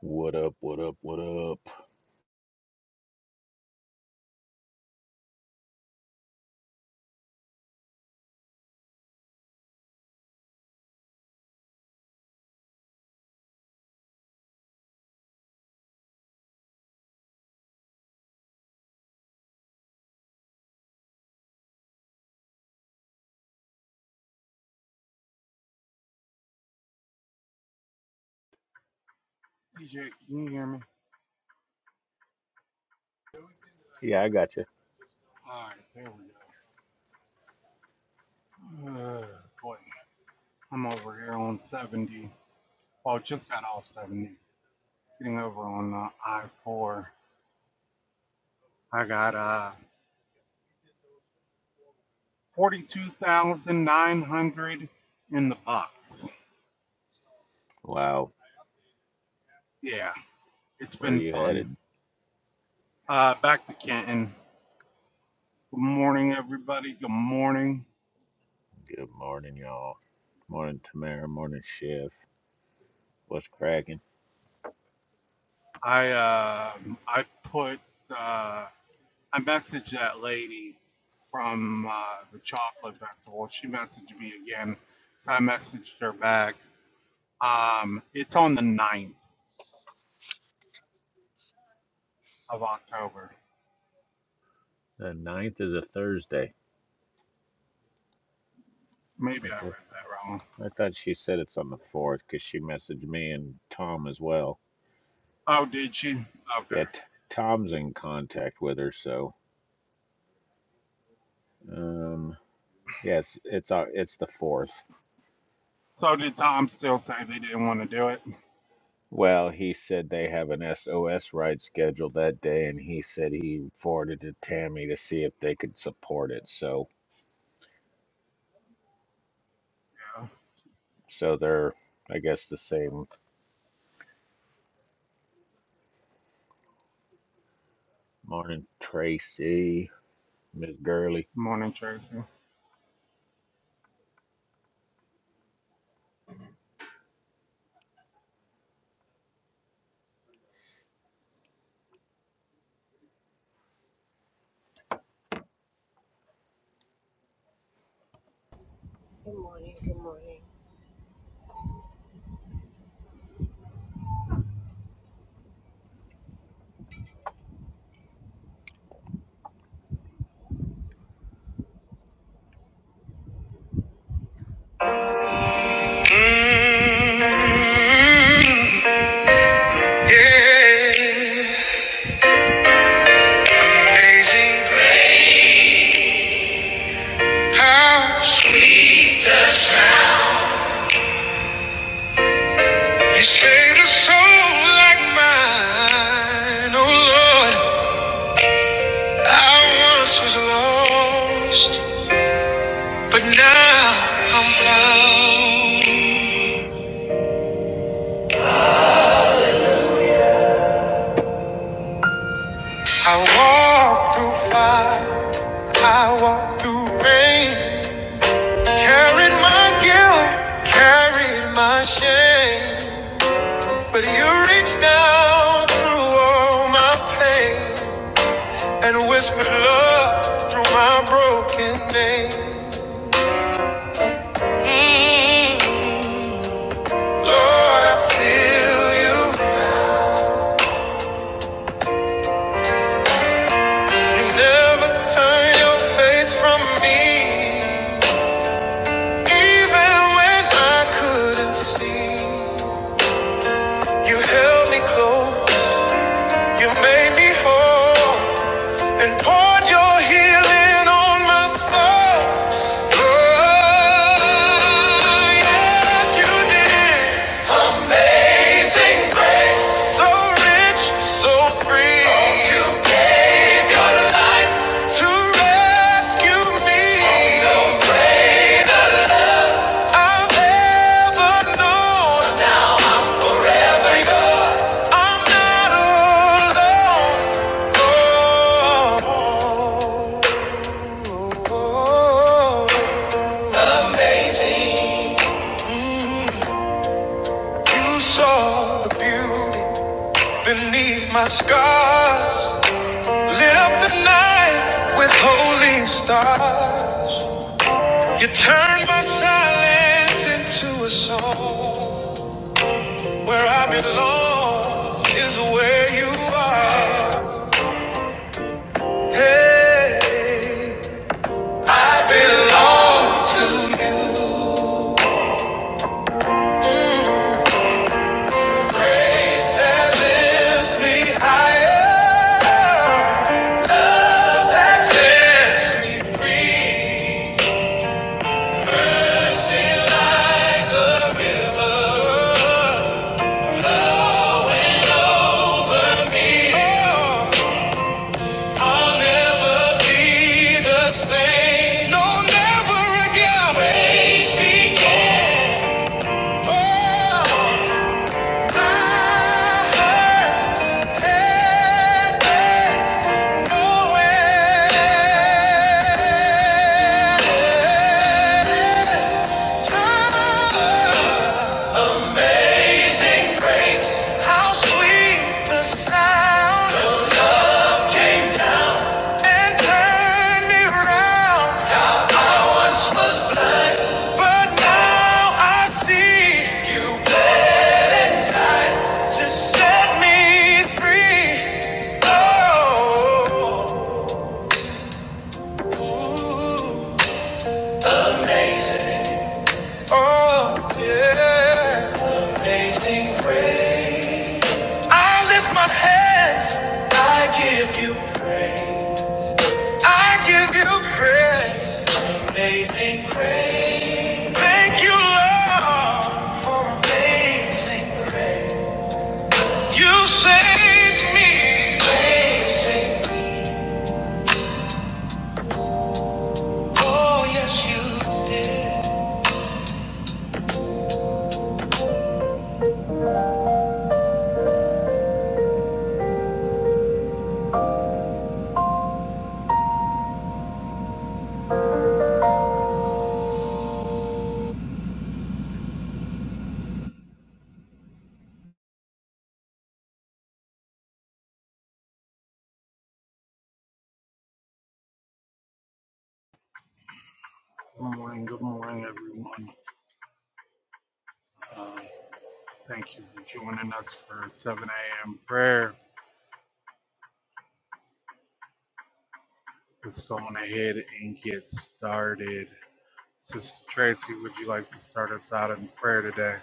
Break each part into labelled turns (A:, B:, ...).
A: What up? What up? What up?
B: DJ, can you hear me?
A: Yeah, I got you.
B: Alright, there we go. Uh, boy, I'm over here on 70. Well, just got off 70. Getting over on uh, I-4. I got uh 42,900 in the box.
A: Wow,
B: Yeah, it's
A: where are
B: been
A: you
B: fun.
A: headed?
B: Uh, back to Canton. Good morning, everybody. Good morning.
A: Good morning, y'all. Morning, Tamara. Morning, Chef. What's cracking?
B: I uh, I put uh, I messaged that lady from uh, the chocolate festival. She messaged me again, so I messaged her back. Um, it's on the ninth of October.
A: The ninth is a Thursday.
B: Maybe
A: I
B: I read
A: thought,
B: that wrong.
A: I thought she said it's on the fourth because she messaged me and Tom as well.
B: Oh, did she? Okay.
A: Yeah, t- Tom's in contact with her, so um, yeah, it's it's uh, it's the fourth.
B: So did Tom still say they didn't want to do it?
A: Well, he said they have an SOS ride scheduled that day, and he said he forwarded to Tammy to see if they could support it. So
B: Yeah.
A: So they're, I guess, the same. Morning, Tracy, Miss Gurley.
B: Morning, Tracy.
C: Mm. Yeah, amazing How sweet the sound. You saved a soul like mine. Oh Lord, I once was lost, but now I'm found. I walk through fire, I walk through rain. Carried my guilt, carried my shame. But you reach down through all my pain and whisper love through my broken name. Lord, I feel you. You never turn your face from me. Even when I couldn't see, you held me close. You made me whole. and poured your healing on my soul. Oh, yes, you did. So rich, so free. Oh, you gave your life to rescue me. Oh, no. I've ever known I'm not alone. Oh, oh, oh. oh. you saw the beauty. Beneath my scars, lit up the night with holy stars. You turned my silence into a song. Where I belong is where you are. Hey, I belong. That lifts me higher. Love that sets me free. Mercy like a river. Me. Oh. I'll never be the same. No, never again. Praise began. Oh, I had nowhere. Amazing grace, how sweet the sound. Came down and turned me around. I once was blind, but now I see. You bled and died to set me free. Oh, amazing. Oh, yeah. Amazing grace. I lift my hands. I give you. I give you praise. Amazing grace. Thank you, Lord, for amazing grace. You saved me. Amazing. Oh, yes, you did.
B: Good morning. Good morning, everyone. Uh, thank you for joining us for 7 a.m. prayer. Let's go on ahead and get started. Sister Tracy, would you like to start us out in prayer today?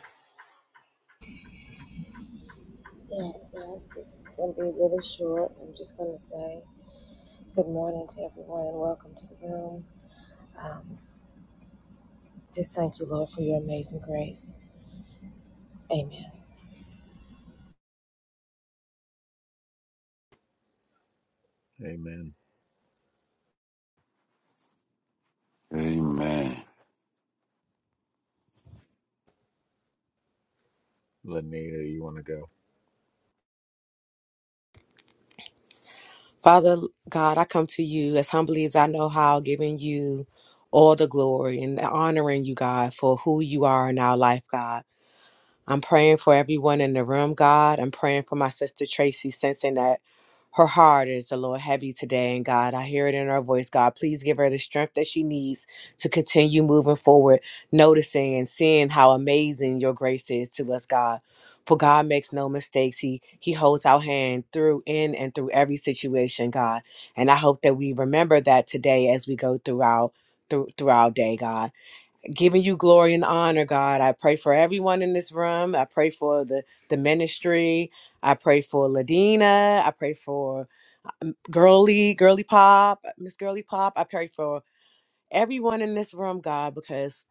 A: Amen.
D: Amen.
A: Lanita, you want to go?
E: Father God, I come to you as humbly as I know how, giving you all the glory and honoring you, God, for who you are in our life, God. I'm praying for everyone in the room, God. I'm praying for my sister Tracy, sensing that her heart is a little heavy today. And God, I hear it in her voice. God, please give her the strength that she needs to continue moving forward, noticing and seeing how amazing your grace is to us, God. For God makes no mistakes. He He holds our hand through in and through every situation, God. And I hope that we remember that today as we go through our through, through our day, God giving you glory and honor, God. I pray for everyone in this room. I pray for the, the ministry. I pray for Ladina. I pray for um, Girly, Girly Pop, Miss Girly Pop. I pray for everyone in this room, God, because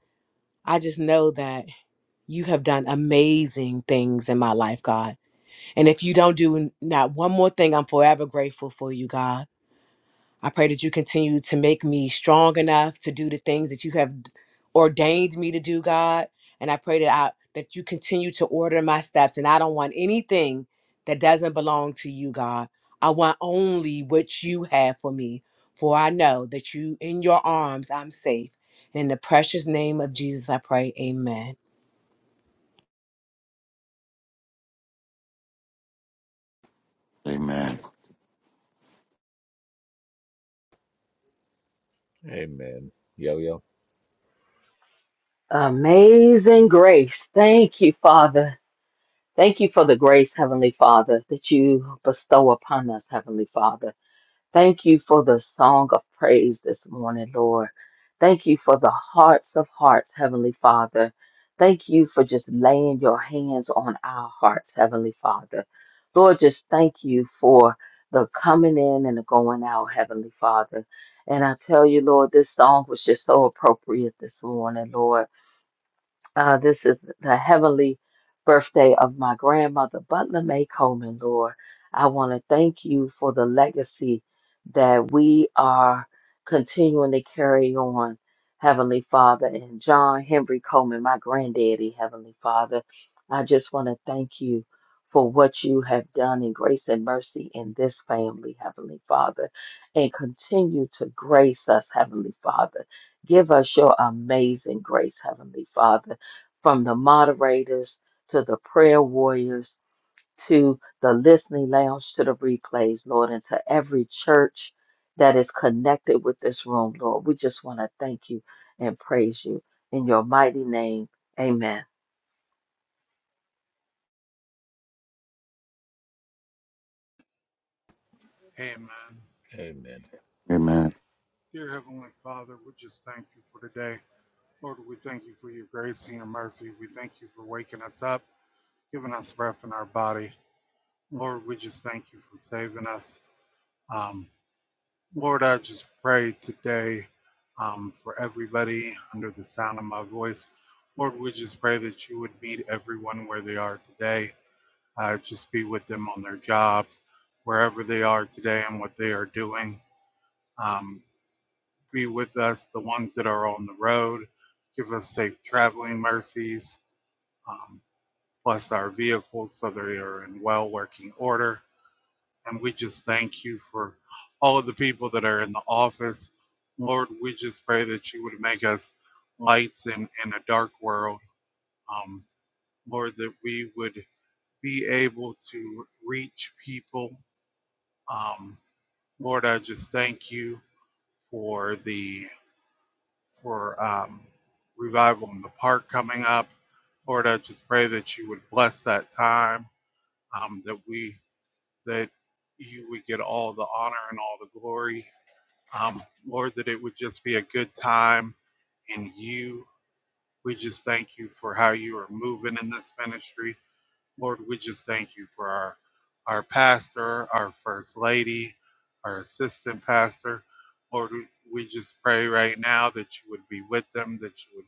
E: I just know that you have done amazing things in my life, God. And if you don't do not one more thing, I'm forever grateful for you, God. I pray that you continue to make me strong enough to do the things that you have ordained me to do, God. And I pray that I that you continue to order my steps. And I don't want anything that doesn't belong to you, God. I want only what you have for me. For I know that you in your arms I'm safe. And in the precious name of Jesus, I pray. Amen.
D: Amen.
A: Amen. Yo, yo.
F: Amazing grace. Thank you, Father. Thank you for the grace, Heavenly Father, that you bestow upon us, Heavenly Father. Thank you for the song of praise this morning, Lord. Thank you for the hearts of hearts, Heavenly Father. Thank you for just laying your hands on our hearts, Heavenly Father. Lord, just thank you for the coming in and the going out, Heavenly Father. And I tell you, Lord, this song was just so appropriate this morning, Lord. Uh, this is the heavenly birthday of my grandmother, Butler May Coleman, Lord. I want to thank you for the legacy that we are continuing to carry on, Heavenly Father, and John Henry Coleman, my granddaddy, Heavenly Father. I just want to thank you for what you have done in grace and mercy in this family, Heavenly Father, and continue to grace us, Heavenly Father. Give us your amazing grace, Heavenly Father from the moderators to the prayer warriors to the listening lounge to the replays, Lord, and to every church that is connected with this room, Lord. We just want to thank you and praise you in your mighty name. Amen.
B: Amen.
A: Amen.
D: Amen.
B: Dear Heavenly Father, we just thank you for today. Lord, we thank you for your grace and your mercy. We thank you for waking us up, giving us breath in our body. Lord, we just thank you for saving us. Um, Lord, I just pray today um, for everybody under the sound of my voice. Lord, we just pray that you would meet everyone where they are today. uh, just be with them on their jobs, wherever they are today and what they are doing. Um, be with us, the ones that are on the road. Give us safe traveling mercies. Um, bless our vehicles so they are in well working order. And we just thank you for all of the people that are in the office. Lord, we just pray that you would make us lights in, in a dark world. Um, Lord, that we would be able to reach people. Um, Lord, I just thank you for the for um, revival in the park coming up. Lord, I just pray that you would bless that time, um, that we that you would get all the honor and all the glory. Um, Lord, that it would just be a good time in you. We just thank you for how you are moving in this ministry. Lord, we just thank you for our, our pastor, our first lady, our assistant pastor. Lord, we we just pray right now that you would be with them, that you would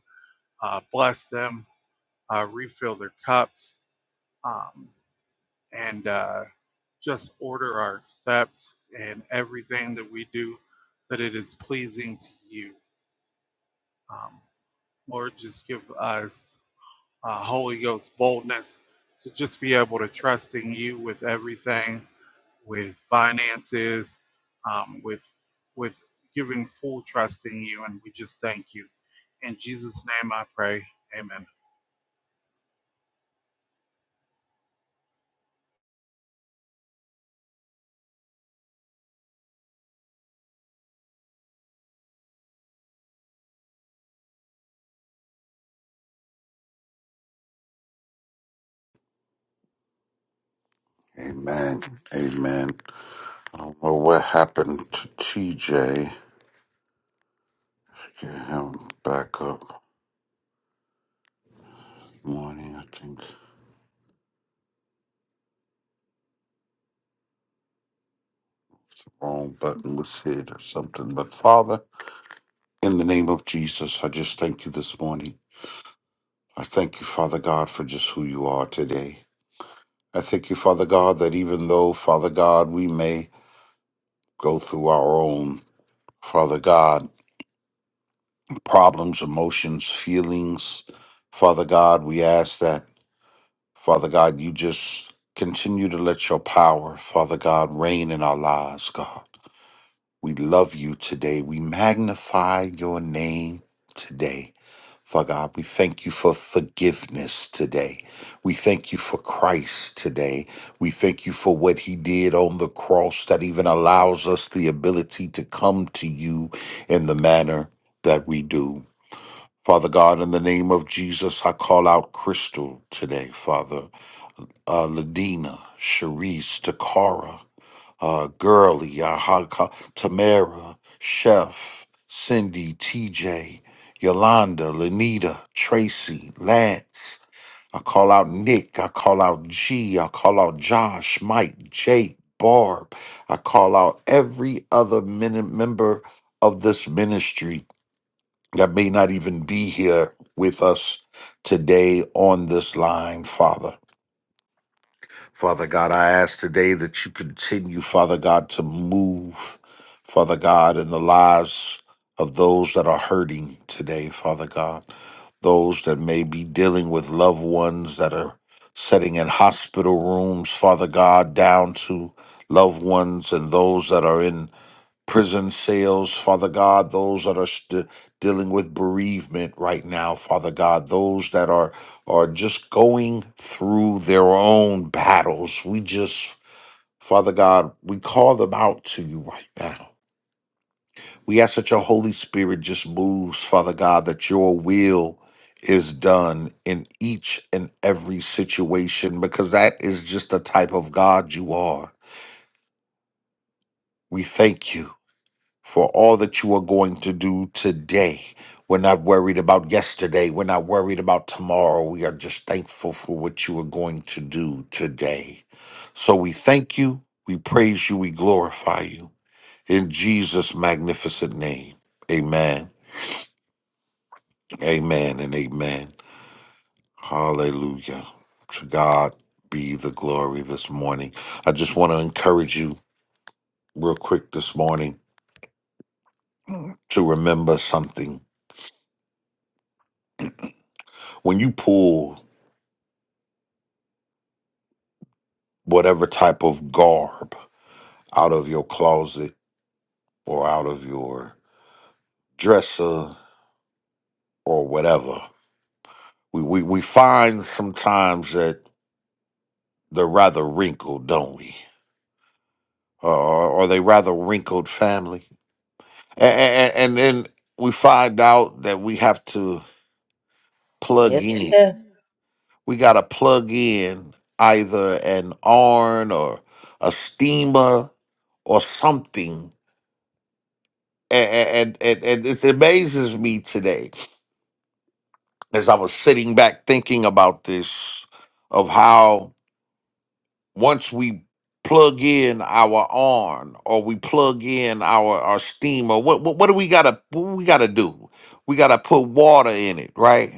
B: uh, bless them, uh, refill their cups, um, and uh, just order our steps and everything that we do, that it is pleasing to you. Um, Lord, just give us uh, Holy Ghost boldness to just be able to trust in you with everything with finances, um, with with giving full trust in you, and we just thank you. In Jesus' name, I pray. Amen.
D: Amen. Amen. I don't know what happened to TJ. Get him back up. Good morning. I think wrong button was hit or something. But Father, in the name of Jesus, I just thank you this morning. I thank you, Father God, for just who you are today. I thank you, Father God, that even though, Father God, we may go through our own, Father God, problems, emotions, feelings, Father God, we ask that. Father God, you just continue to let your power, Father God, reign in our lives, God. We love you today. We magnify your name today. Father God, we thank you for forgiveness today. We thank you for Christ today. We thank you for what he did on the cross that even allows us the ability to come to you in the manner that we do. Father God, in the name of Jesus, I call out Crystal today, Father uh, Ladina, Sharice, Takara, uh, Girly, Yahaka, Tamara, Chef, Cindy, TJ, Yolanda, Lanita, Tracy, Lance. I call out Nick. I call out G. I call out Josh, Mike, Jake, Barb. I call out every other min- member of this ministry that may not even be here with us today on this line, Father. Father God, I ask today that you continue, Father God, to move, Father God, in the lives of those that are hurting today, Father God, those that may be dealing with loved ones that are sitting in hospital rooms, Father God, down to loved ones and those that are in prison cells, Father God, those that are st- dealing with bereavement right now, Father God, those that are are just going through their own battles. We just, Father God, we call them out to you right now. We ask that your Holy Spirit just moves, Father God, that your will is done in each and every situation because that is just the type of God you are. We thank you. for all that you are going to do today. We're not worried about yesterday. We're not worried about tomorrow. We are just thankful for what you are going to do today. So we thank you, we praise you, we glorify you. In Jesus' magnificent name, amen, amen, and amen. Hallelujah. To God be the glory this morning. I just want to encourage you real quick this morning to remember something. When you pull whatever type of garb out of your closet or out of your dresser or whatever. We we, we find sometimes that they're rather wrinkled, don't we? Or or they rather wrinkled family, and, and, and then we find out that we have to plug
F: Yes,
D: in.
F: yes.
D: We got to plug in either an iron or a steamer or something and and, and, and it amazes me today as I was sitting back thinking about this, of how once we plug in our arm or we plug in our our steamer, what what, what do we gotta what we gotta do? We gotta put water in it, right?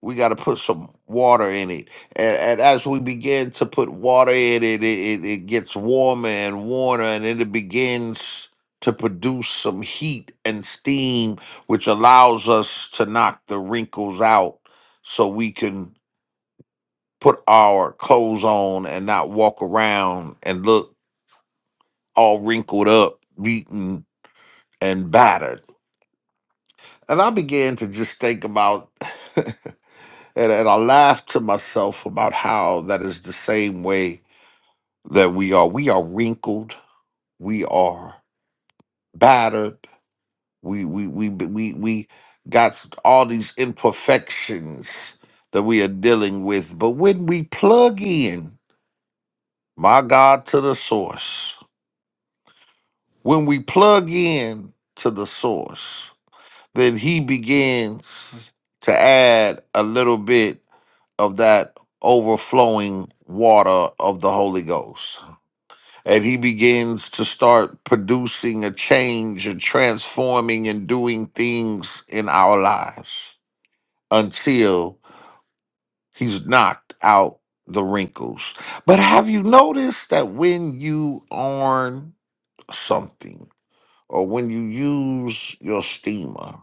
D: we got to put some water in it and, and as we begin to put water in it it, it it gets warmer and warmer and then it begins to produce some heat and steam which allows us to knock the wrinkles out so we can put our clothes on and not walk around and look all wrinkled up beaten and battered and i began to just think about And, and I laugh to myself about how that is the same way that we are. We are wrinkled. We are battered. We we we we we got all these imperfections that we are dealing with. But when we plug in, my God, to the source, when we plug in to the source, then He begins to add a little bit of that overflowing water of the Holy Ghost. and he begins to start producing a change and transforming and doing things in our lives until he's knocked out the wrinkles. But have you noticed that when you iron something or when you use your steamer,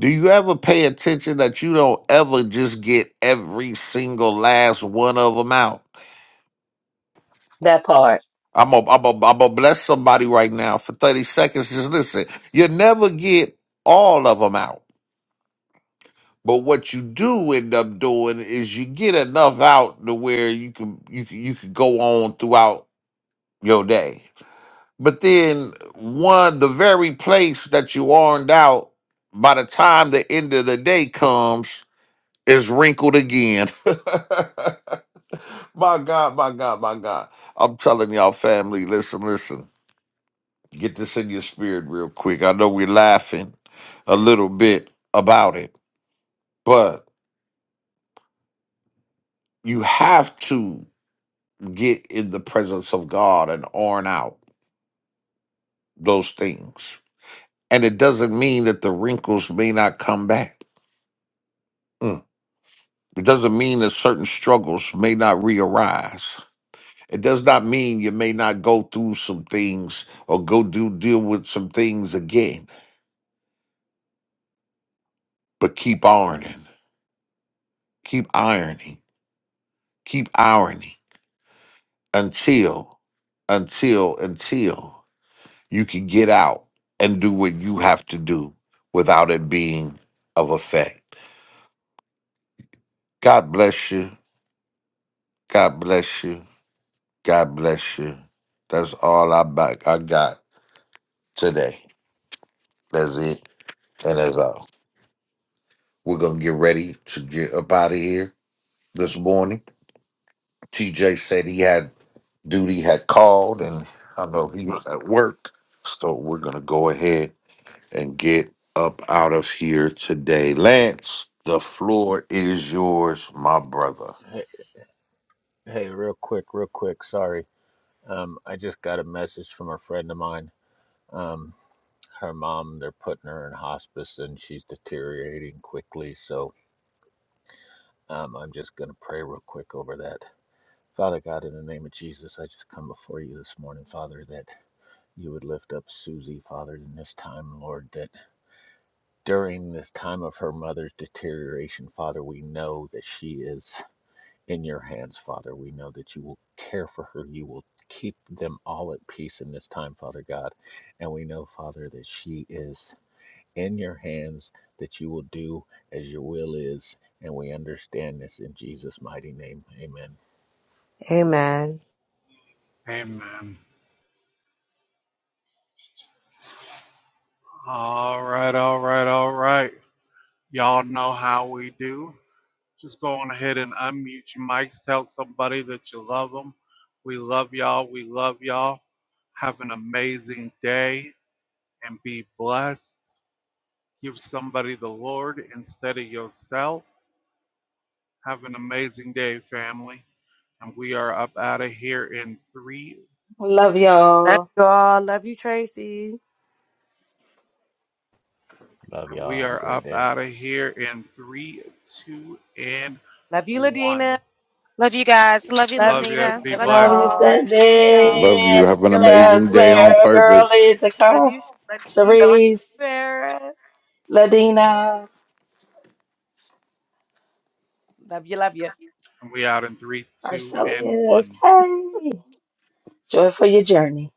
D: do you ever pay attention that you don't ever just get every single last one of them out?
F: That part.
D: I'm gonna I'm gonna I'm gonna bless somebody right now for 30 seconds. Just listen. You never get all of them out. But what you do end up doing is you get enough out to where you can you can, you can go on throughout your day. But then one the very place that you ironed out by the time the end of the day comes is wrinkled again. my God, my God, my God. I'm telling y'all family, listen, listen Get this in your spirit real quick. I know we're laughing a little bit about it, but you have to get in the presence of God and iron out those things. And it doesn't mean that the wrinkles may not come back. Mm. It doesn't mean that certain struggles may not re-arise. It does not mean you may not go through some things or go do deal with some things again, but keep ironing, keep ironing, keep ironing. until until until you can get out and do what you have to do without it being of effect god bless you god bless you god bless you that's all i back i got today that's it and that's all we're gonna get ready to get up out of here this morning tj said he had duty had called and i know he was at work so we're gonna go ahead and get up out of here today. Lance, the floor is yours, my brother.
A: Hey, hey, real quick, real quick. Sorry. Um, I just got a message from a friend of mine. Um, her mom, they're putting her in hospice and she's deteriorating quickly. So um, I'm just going to pray real quick over that. Father God, in the name of Jesus, I just come before you this morning, Father, that you would lift up Susie, Father, in this time, Lord, that during this time of her mother's deterioration, Father, we know that she is in your hands, Father. We know that you will care for her. You will keep them all at peace in this time, Father God. And we know, Father, that she is in your hands, that you will do as your will is. And we understand this in Jesus' mighty name. Amen.
E: Amen.
B: Amen. All right, all right, all right. Y'all know how we do. Just go on ahead and unmute your mics. Tell somebody that you love them. We love y'all. We love y'all. Have an amazing day and be blessed. Give somebody the Lord instead of yourself. Have an amazing day, family. And we are up out of here in three.
F: Love
E: Love
F: y'all.
E: you all. Love you, Tracy.
A: Love
B: And
A: y'all.
B: we
A: Have a
B: are
A: great
B: up
A: day.
B: out of here in three, two, and
E: Love you,
B: one.
E: Ladina.
C: Love you guys. Love you,
E: Love you.
B: Love
E: Love
B: you.
C: Lanita.
B: Be
C: Love
E: you
C: you
F: Love you,
B: blessed.
C: all.
E: all.
C: Thank
D: I
C: y'all.
D: love you.
E: Love you,
F: Sunday.
D: Have an
E: Yo Yo.
F: Church,
D: amazing day on
F: Claire,
D: purpose.
F: Girlie,
E: Love
F: Takar,
E: you, Shirley.
F: Sharice,
E: Vera.
F: Ladina,
E: Love you, love you.
B: And we out in three, two, and
F: Arcelius.
B: one.
F: Hey, joy for your journey.